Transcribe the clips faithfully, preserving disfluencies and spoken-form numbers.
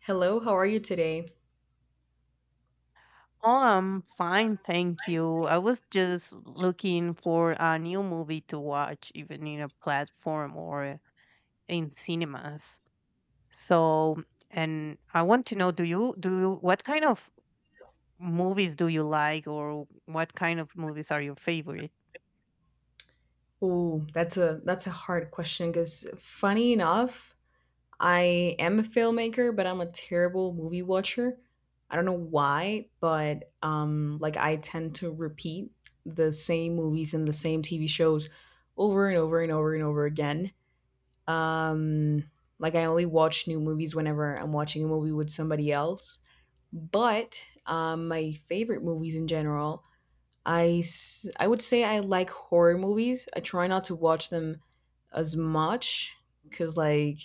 Hello, how are you today? Oh, I'm fine, thank you. I was just looking for a new movie to watch, even in a platform or in cinemas. So, and I want to know, do you do you, what kind of movies do you like, or what kind of movies are your favorite? Ooh, that's a that's a hard question because funny enough, I am a filmmaker, but I'm a terrible movie watcher. I don't know why, but um like I tend to repeat the same movies and the same T V shows over and over and over and over again. Um like I only watch new movies whenever I'm watching a movie with somebody else. But um my favorite movies in general I s- I would say I like horror movies. I try not to watch them as much because like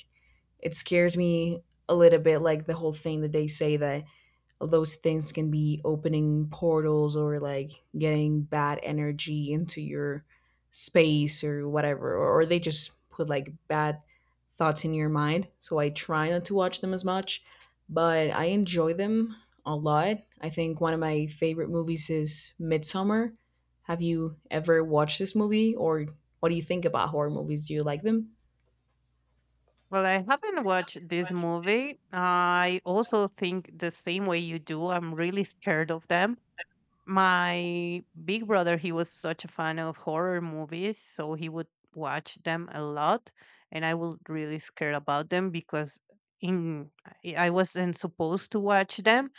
it scares me a little bit. Like the whole thing that they say that those things can be opening portals or like getting bad energy into your space or whatever or, or they just put like bad thoughts in your mind, so I try not to watch them as much, but I enjoy them a lot. I think one of my favorite movies is Midsummer. Have you ever watched this movie, or what do you think about horror movies? Do you like them? Well, I haven't watched this movie. I also think the same way you do. I'm really scared of them. My big brother, he was such a fan of horror movies, so he would watch them a lot, and I was really scared about them because in i I wasn't supposed to watch them,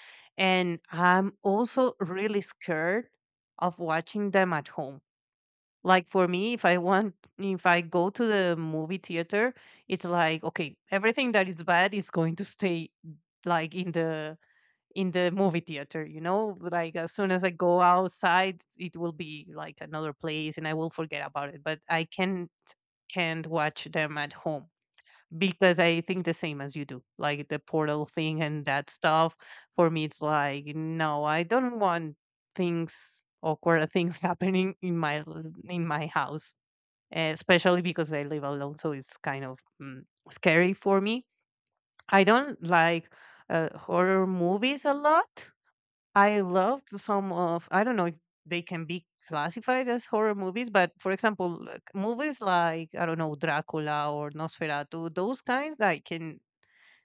and I'm also really scared of watching them at home. Like, for me, if i want if I go to the movie theater, it's like, okay, everything that is bad is going to stay like in the in the movie theater, you know, like as soon as I go outside, it will be like another place and I will forget about it. But I can't can't watch them at home, because I think the same as you do, like the portal thing and that stuff. For me, it's like, no, I don't want things awkward things happening in my l- in my house, eh, especially because I live alone, so it's kind of mm, scary for me. I don't like uh, horror movies a lot. I loved some of, I don't know if they can be classified as horror movies, but for example, like, movies like, I don't know, Dracula or Nosferatu, those kinds I can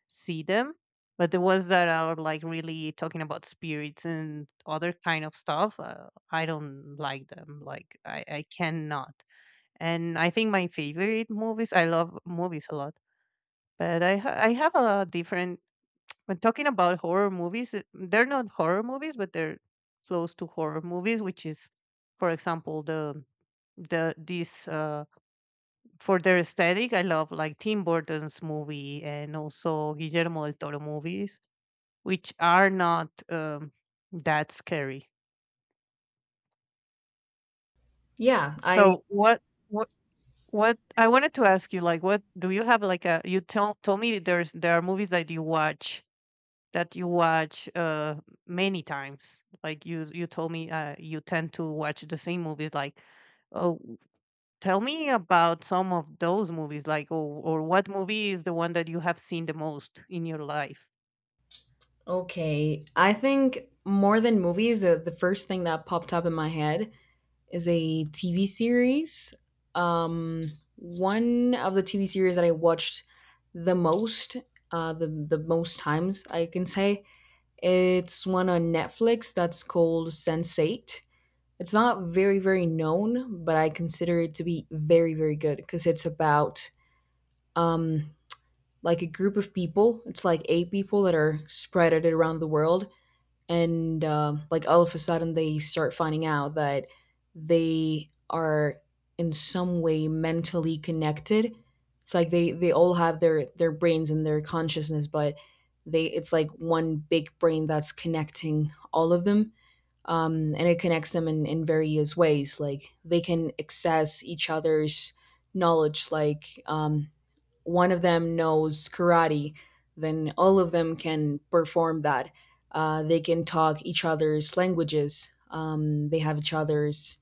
see them, but the ones that are like really talking about spirits and other kind of stuff, uh, I don't like them. Like I I cannot. And I think my favorite movies, I love movies a lot, but I ha- I have a different, when talking about horror movies, uh, they're not horror movies, but they're close to horror movies, which is, for example, the the this uh, for their aesthetic. I love like Tim Burton's movie and also Guillermo del Toro movies, which are not um, that scary. Yeah I So what what what I wanted to ask you, like, what do you have like a, you tell told me that there's there are movies that you watch that you watch uh many times, like you you told me, uh you tend to watch the same movies, like, oh, tell me about some of those movies, like, or, or what movie is the one that you have seen the most in your life. Okay, I think more than movies, uh, the first thing that popped up in my head is a T V series. Um, one of the T V series that I watched the most, uh, the the most times I can say, it's one on Netflix that's called sense eight. It's not very very known, but I consider it to be very very good because it's about um, like a group of people. It's like eight people that are spread out around the world, and uh, like all of a sudden they start finding out that they are in some way mentally connected. It's like they they all have their their brains and their consciousness, but they it's like one big brain that's connecting all of them. um, and it connects them in, in various ways, like they can access each other's knowledge like um, one of them knows karate, then all of them can perform that. Uh, they can talk each other's languages. Um, they have each other's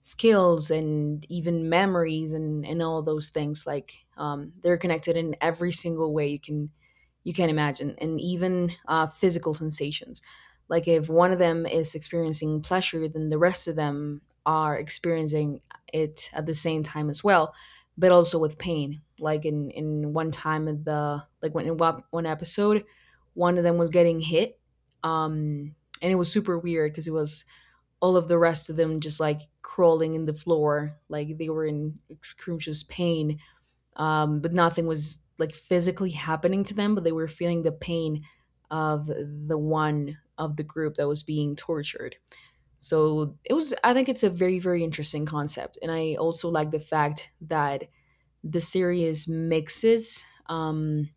skills and even memories and, and all those things. Like um, they're connected in every single way you can you can imagine, and even uh, physical sensations. Like if one of them is experiencing pleasure, then the rest of them are experiencing it at the same time as well, but also with pain. Like in in one time of the, like when in one one episode, one of them was getting hit, um, and it was super weird because it was all of the rest of them just like crawling in the floor, like they were in excruciating pain, um, but nothing was like physically happening to them, but they were feeling the pain of the one of the group that was being tortured. So it was, I think it's a very very interesting concept, and I also like the fact that the series mixes um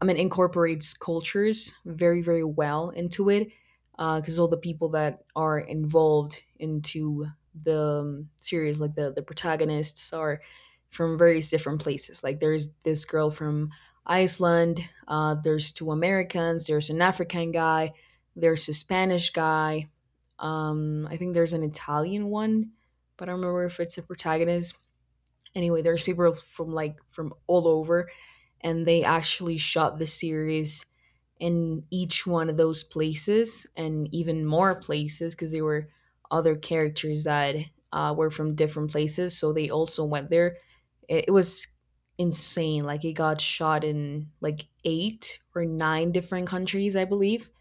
I mean incorporates cultures very very well into it, because uh, all the people that are involved into the um, series, like the the protagonists, are from various different places. Like there's this girl from Iceland, uh, there's two Americans, there's an African guy, there's a Spanish guy, um, I think there's an Italian one, but I don't remember if it's a protagonist. Anyway, there's people from like from all over, and they actually shot the series in each one of those places, and even more places because there were other characters that uh, were from different places, so they also went there. It, it was insane. Like it got shot in like eight or nine different countries, I believe.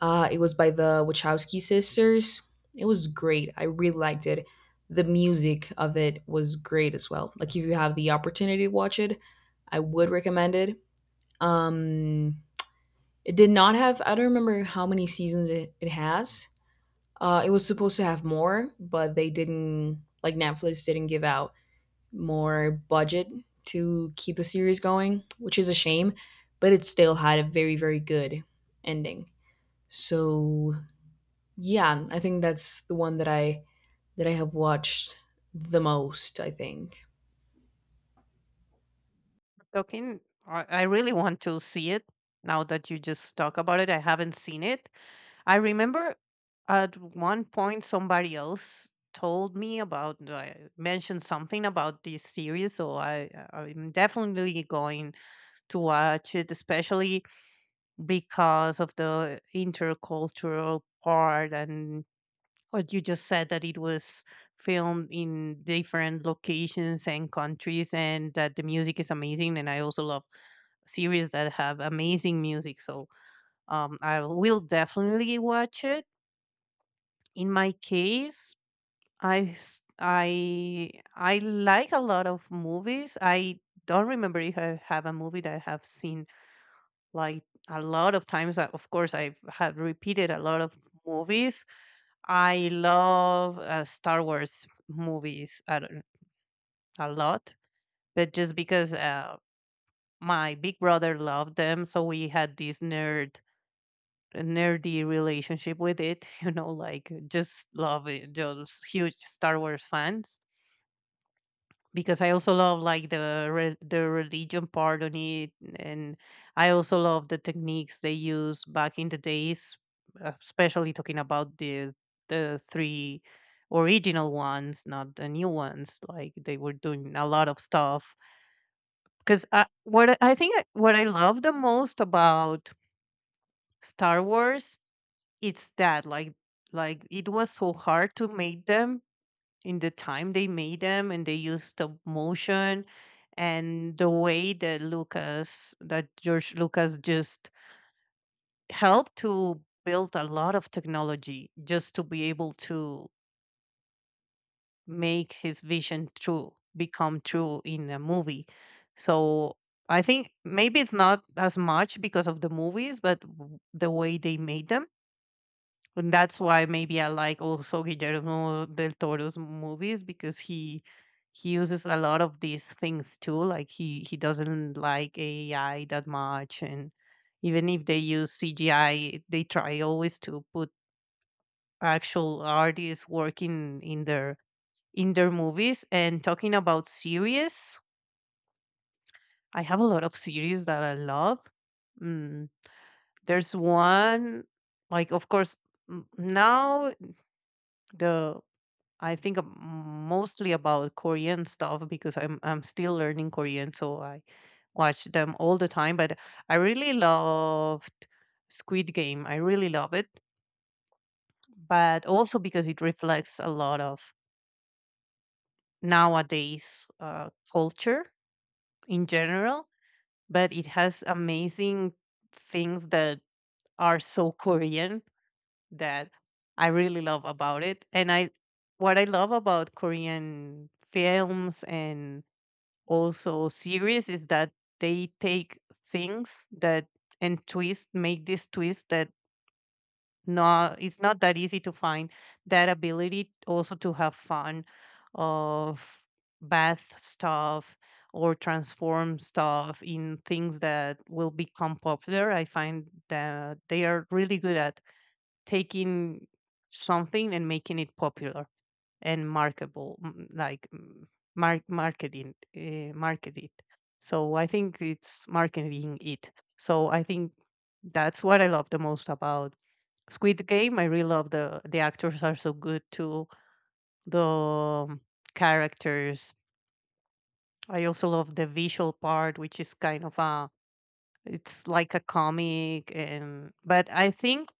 uh, it was by the Wachowski sisters. It was great. I really liked it. The music of it was great as well. Like if you have the opportunity to watch it, I would recommend it. Um, it did not have. I don't remember how many seasons it, it has. Uh, it was supposed to have more, but they didn't. Like Netflix didn't give out more budget to keep the series going, which is a shame. But it still had a very very good ending. So yeah, I think that's the one that I that I have watched the most, I think. Talking I, I really want to see it now that you just talk about it. I haven't seen it. I remember at one point somebody else told me about, uh, mentioned something about this series, so i i'm definitely going to watch it, especially because of the intercultural part, and what you just said, that it was filmed in different locations and countries, and that the music is amazing, and I also love series that have amazing music. So um, I will definitely watch it. In my case, i s- i i like a lot of movies. I don't remember if I have a movie that I have seen like a lot of times. uh, Of course, I've had repeated a lot of movies. I love uh, Star Wars movies a a lot, but just because uh, my big brother loved them, so we had this nerd nerdy relationship with it. You know, like just love it, just huge Star Wars fans, because I also love like the re- the religion part on it, and I also love the techniques they used back in the days, uh, especially talking about the the three original ones, not the new ones. Like they were doing a lot of stuff. Because I, what I I think I, what I love the most about Star Wars, it's that like like it was so hard to make them in the time they made them, and they used stop motion, and the way that Lucas that George Lucas just helped to build a lot of technology just to be able to make his vision true become true in a movie. So I think maybe it's not as much because of the movies, but w- the way they made them. And that's why maybe I like also Guillermo del Toro's movies, because he he uses a lot of these things too. Like he he doesn't like A I that much, and even if they use C G I, they try always to put actual artists working in their in their movies. And talking about series, I have a lot of series that I love. Mm, there's one, like, of course, m- now the I think ab- mostly about Korean stuff, because I'm I'm still learning Korean, so I watch them all the time. But I really loved Squid Game. I really love it, but also because it reflects a lot of nowadays uh, culture in general. But it has amazing things that are so Korean that I really love about it. And I what I love about Korean films and also series is that they take things that, and twist make this twist that, not, it's not that easy to find that ability also to have fun of bath stuff, or transform stuff in things that will become popular. I find that they are really good at taking something and making it popular and marketable, m- like mm, mark marketing, uh, market it. So I think it's marketing it. So I think that's what I love the most about Squid Game. I really love the the actors are so good too. The um, characters. I also love the visual part, which is kind of a, it's like a comic, and but I think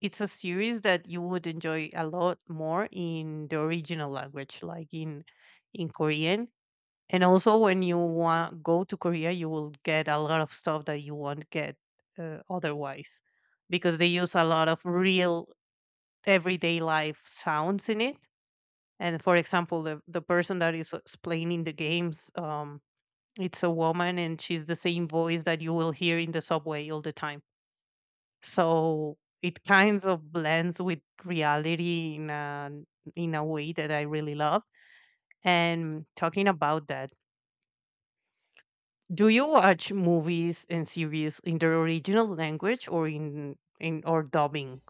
it's a series that you would enjoy a lot more in the original language, like in in Korean. And also, when you want go to Korea, you will get a lot of stuff that you won't get, uh, otherwise, because they use a lot of real everyday life sounds in it. And for example, the the person that is explaining the games, um, it's a woman, and she's the same voice that you will hear in the subway all the time. So it kinds of blends with reality in a in a way that I really love. And talking about that, do you watch movies and series in the original language, or in in or dubbing?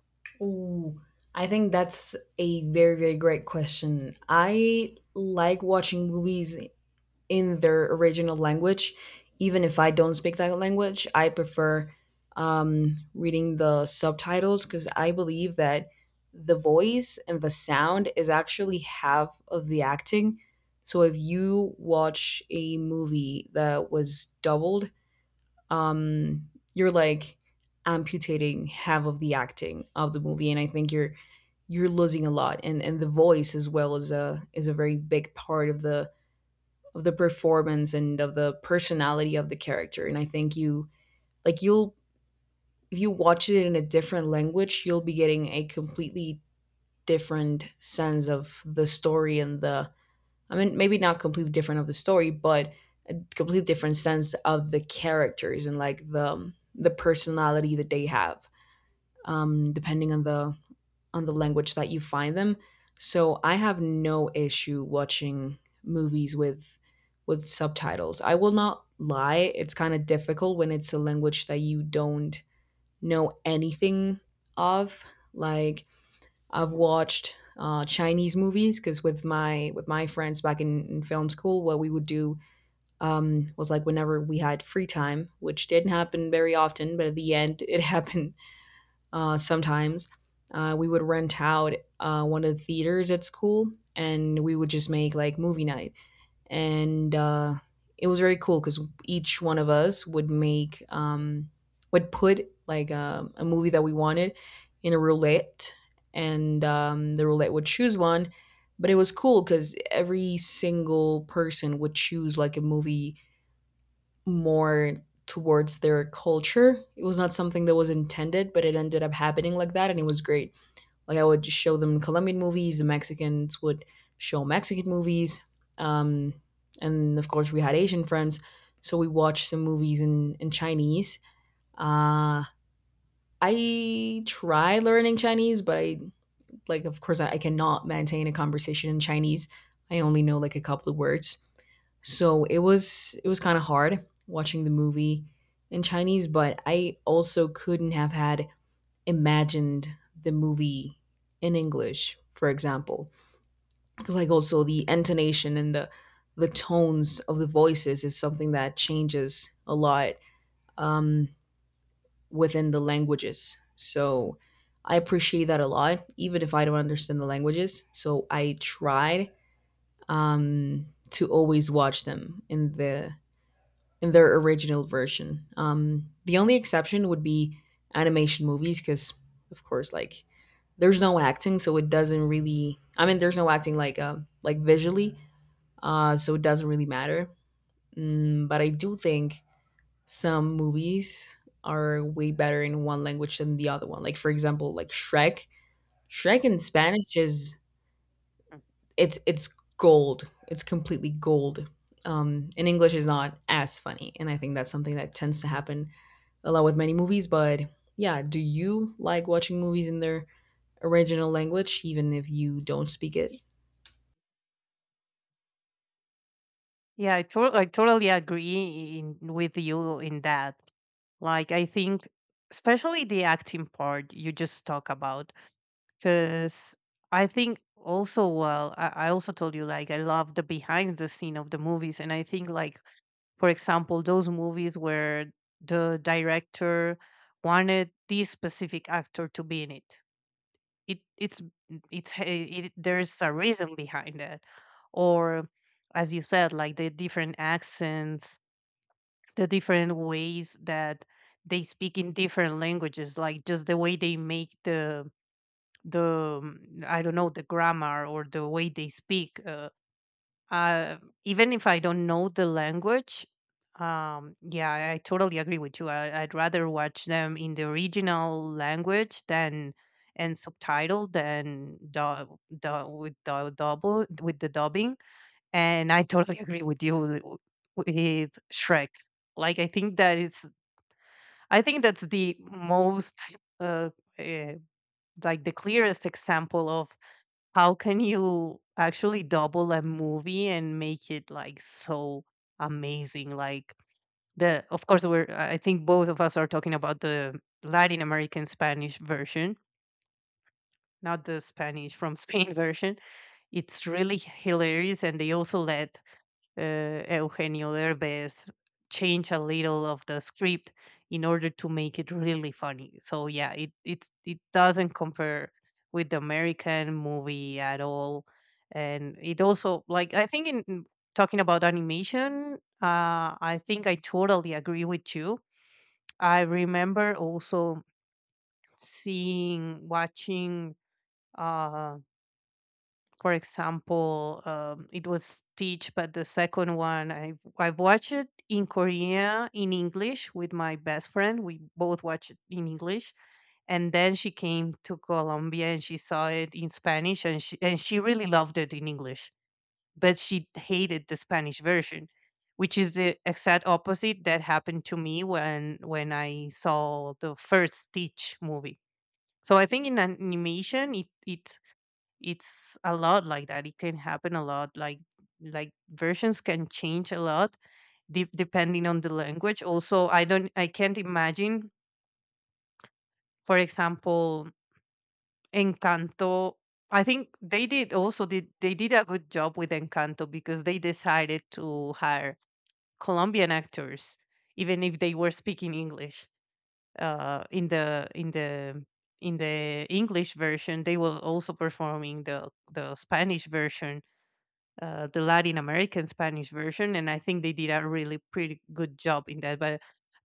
Ooh, I think that's a very, very great question. I like watching movies in their original language, even if I don't speak that language. I prefer um, reading the subtitles because I believe that the voice and the sound is actually half of the acting. So if you watch a movie that was doubled, um you're like amputating half of the acting of the movie, and I think you're you're losing a lot, and and the voice as well is a is a very big part of the of the performance and of the personality of the character. And I think you, like you'll, if you watch it in a different language, you'll be getting a completely different sense of the story and the, I mean, maybe not completely different of the story, but a completely different sense of the characters and like the the personality that they have, um, depending on the on the language that you find them. So I have no issue watching movies with with subtitles. I will not lie; it's kind of difficult when it's a language that you don't know anything of, like I've watched uh, Chinese movies, because with my with my friends back in, in film school, what we would do um, was like whenever we had free time, which didn't happen very often, but at the end it happened uh, sometimes. Uh, we would rent out uh, one of the theaters at school, and we would just make like movie night, and uh, it was very cool because each one of us would make um, would put like a, a movie that we wanted in a roulette, and um, the roulette would choose one. But it was cool because every single person would choose like a movie more towards their culture. It was not something that was intended, but it ended up happening like that, and it was great. Like I would just show them Colombian movies. The Mexicans would show Mexican movies. Um, and of course, we had Asian friends, so we watched some movies in in Chinese. Uh, I try learning Chinese, but I like, of course, I, I cannot maintain a conversation in Chinese. I only know like a couple of words, so it was it was kind of hard watching the movie in Chinese. But I also couldn't have had imagined the movie in English, for example. Because like also the intonation and the the tones of the voices is something that changes a lot, um, within the languages. So I appreciate that a lot, even if I don't understand the languages. So I tried um, to always watch them in the in their original version. Um, the only exception would be animation movies, because of course, like there's no acting, so it doesn't really. I mean, there's no acting like uh, like visually, uh, so it doesn't really matter. Mm, but I do think some movies are way better in one language than the other one. Like for example, like Shrek. Shrek in Spanish is Mm. it's it's gold. It's completely gold. Um, in English is not as funny, and I think that's something that tends to happen a lot with many movies. But yeah, do you like watching movies in their original language, even if you don't speak it? Yeah, I, to- I totally agree in, with you in that. Like, I think, especially the acting part you just talk about. Because I think also, well, I, I also told you, like, I love the behind the scene of the movies, and I think, like, for example, those movies where the director wanted this specific actor to be in it, it it's it's h- it, there's a reason behind that. Or, as you said, like the different accents, the different ways that they speak in different languages, like just the way they make the the mm, I don't know, the grammar or the way they speak. Uh, uh, even if I don't know the language, um, yeah, I, I totally agree with you. I, I'd rather watch them in the original language than, and subtitle, than du- du- with the double with the dubbing. And I totally agree with you, w- with Shrek. Like, I think that it's, I think that's the most, uh, uh, like the clearest example of how can you actually double a movie and make it like so amazing. Like, the of course, we're, I think both of us are talking about the Latin American Spanish version, not the Spanish from Spain version. It's really hilarious, and they also let uh, Eugenio Derbez change a little of the script in order to make it really funny. So yeah, it it it doesn't compare with the American movie at all. And it also, like, I think in in talking about animation, uh, I think I totally agree with you. I remember also seeing watching uh for example, um, it was Stitch, but the second one, I I watched it in Korea in English with my best friend. We both watched it in English, and then she came to Colombia and she saw it in Spanish, and she and she really loved it in English, but she hated the Spanish version, which is the exact opposite that happened to me when when I saw the first Stitch movie. So I think in animation, it it it's a lot like that it can happen a lot like like versions can change a lot de- depending on the language also. i don't I can't imagine, for example, Encanto. I think they did also did they did a good job with Encanto because they decided to hire Colombian actors, even if they were speaking English. Uh in the in the in the English version, they were also performing the the Spanish version, uh, the Latin American Spanish version, and I think they did a really pretty good job in that. But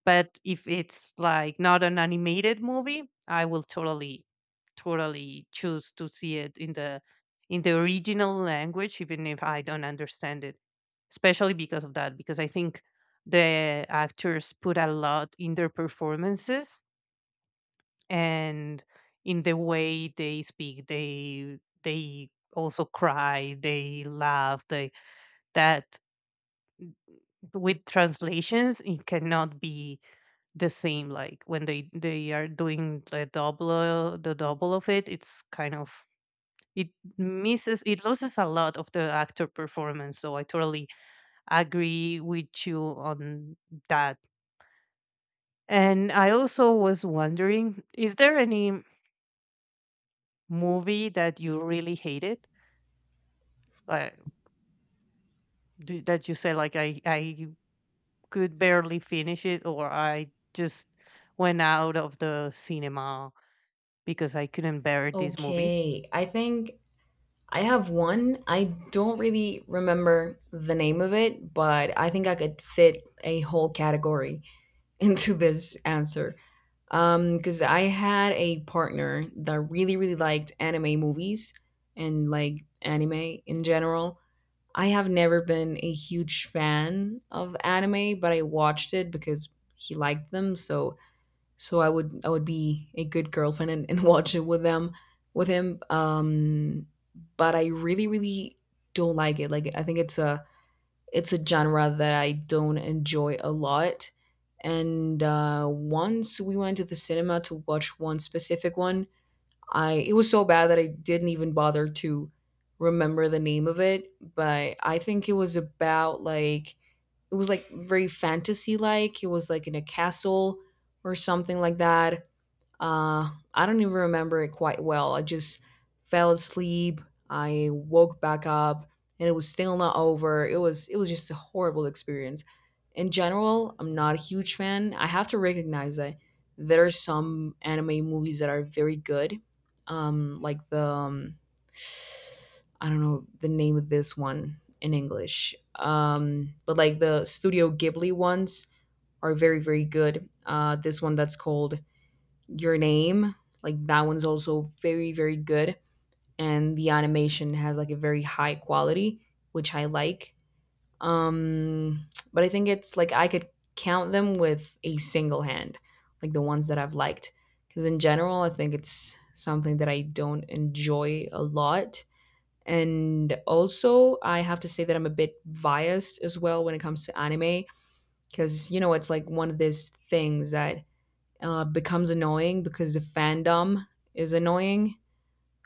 but if it's like not an animated movie, I will totally totally choose to see it in the in the original language, even if I don't understand it. Especially because of that, because I think the actors put a lot in their performances, and in the way they speak. They they also cry, they laugh, they that with translations it cannot be the same. Like when they they are doing the double the double of it, it's kind of it misses, it loses a lot of the actor performance. So I totally agree with you on that. And I also was wondering, is there any movie that you really hated, like do, that you say like i i could barely finish it, or I just went out of the cinema because I couldn't bear this movie? Okay, I think I have one. I don't really remember the name of it, but I think I could fit a whole category into this answer. Um, because I had a partner that really, really liked anime movies and like anime in general. I have never been a huge fan of anime, but I watched it because he liked them, so so I would I would be a good girlfriend, and, and watch it with them with him. Um, but I really really don't like it. Like I think it's a it's a genre that I don't enjoy a lot. And uh, once we went to the cinema to watch one specific one, I it was so bad that I didn't even bother to remember the name of it. But I think it was about like it was like very fantasy like. It was like in a castle or something like that. Uh, I don't even remember it quite well. I just fell asleep. I woke back up and it was still not over. It was it was just a horrible experience. In general, I'm not a huge fan. I have to recognize that there are some anime movies that are very good. Um like the um, I don't know the name of this one in English. Um, but like the Studio Ghibli ones are very very good. Uh, this one that's called Your Name, like that one's also very, very good. And the animation has like a very high quality, which I like. Um, but I think it's like I could count them with a single hand, like the ones that I've liked. Because in general, I think it's something that I don't enjoy a lot. And also, I have to say that I'm a bit biased as well when it comes to anime, because, you know, it's like one of these things that uh, becomes annoying because the fandom is annoying.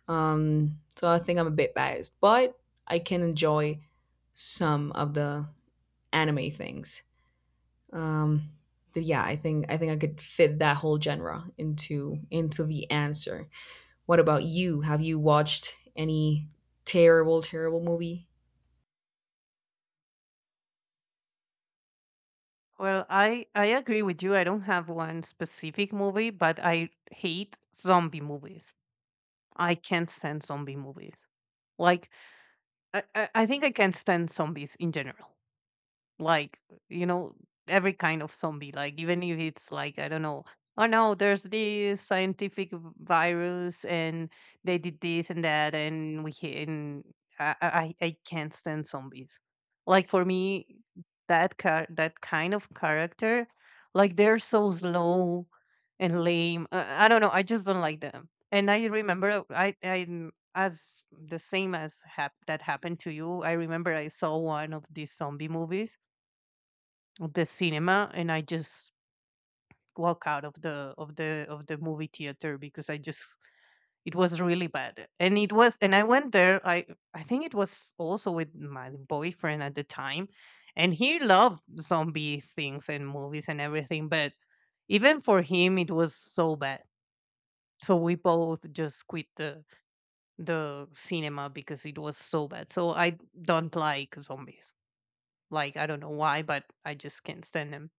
Um, so I think I'm a bit biased, but I can enjoy some of the anime things. Um, but yeah, I think I think I could fit that whole genre into into the answer. What about you? Have you watched any terrible, terrible movie? Well, I, I agree with you. I don't have one specific movie, but I hate zombie movies. I can't stand zombie movies. Like, I, I I think I can't stand zombies in general, like, you know, every kind of zombie. Like, even if it's like, I don't know, oh no, there's this scientific v- virus and they did this and that and we ca- and i i, I can't stand zombies. Like, for me, that car that kind of character, like, they're so slow and lame. uh, I don't know, I just don't like them. And I remember, I I as the same as hap- that happened to you, I remember I saw one of these zombie movies of the cinema and I just walk out of the of the of the movie theater because I just it was really bad. And it was and I went there. I I think it was also with my boyfriend at the time, and he loved zombie things and movies and everything, but even for him it was so bad. So we both just quit the the cinema because it was so bad. So I don't like zombies. Like, I don't know why, but I just can't stand them.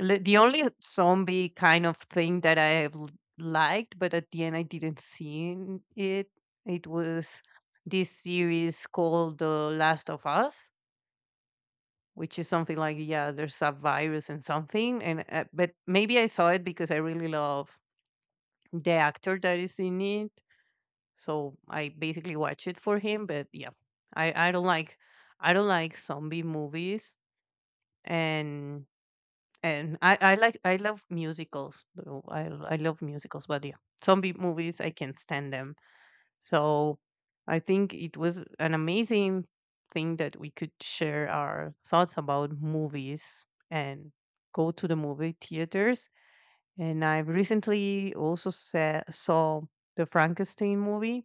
Li- The only zombie kind of thing that I have l- liked, but at the end I didn't see n- it, it was this series called The Last of Us, which is something like, yeah, there's a virus and something. And uh, But maybe I saw it because I really love the actor that is in it. So I basically watch it for him. But yeah, I, I don't like, I don't like zombie movies. and And I, I like, I love musicals, though. I I love musicals. But yeah, zombie movies I can stand them. So I think it was an amazing thing that we could share our thoughts about movies and go to the movie theaters. And I recently also sa- saw the Frankenstein movie,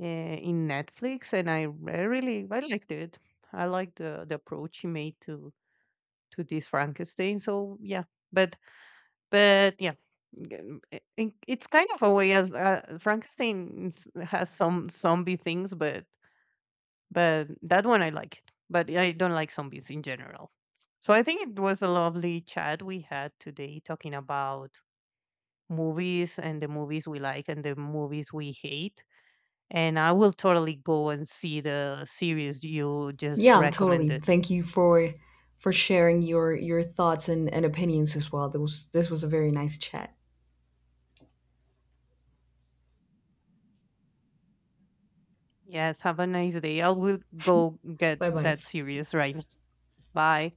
uh, in Netflix, and I re- really, I liked it. I liked the the approach he made to to this Frankenstein. So yeah, but But yeah, g- I- I- it's kind of a way as, uh, Frankenstein s- has some zombie things, but but that one I like it. But I don't like zombies in general. So I think it was a lovely chat we had today, talking about movies and the movies we like and the movies we hate. And I will totally go and see the series you just Yeah, totally. recommended. Thank you for for sharing your your thoughts, and, and opinions as well. This was this was a very nice chat. Yes, have a nice day. I will go get Bye bye. that series right now. Bye.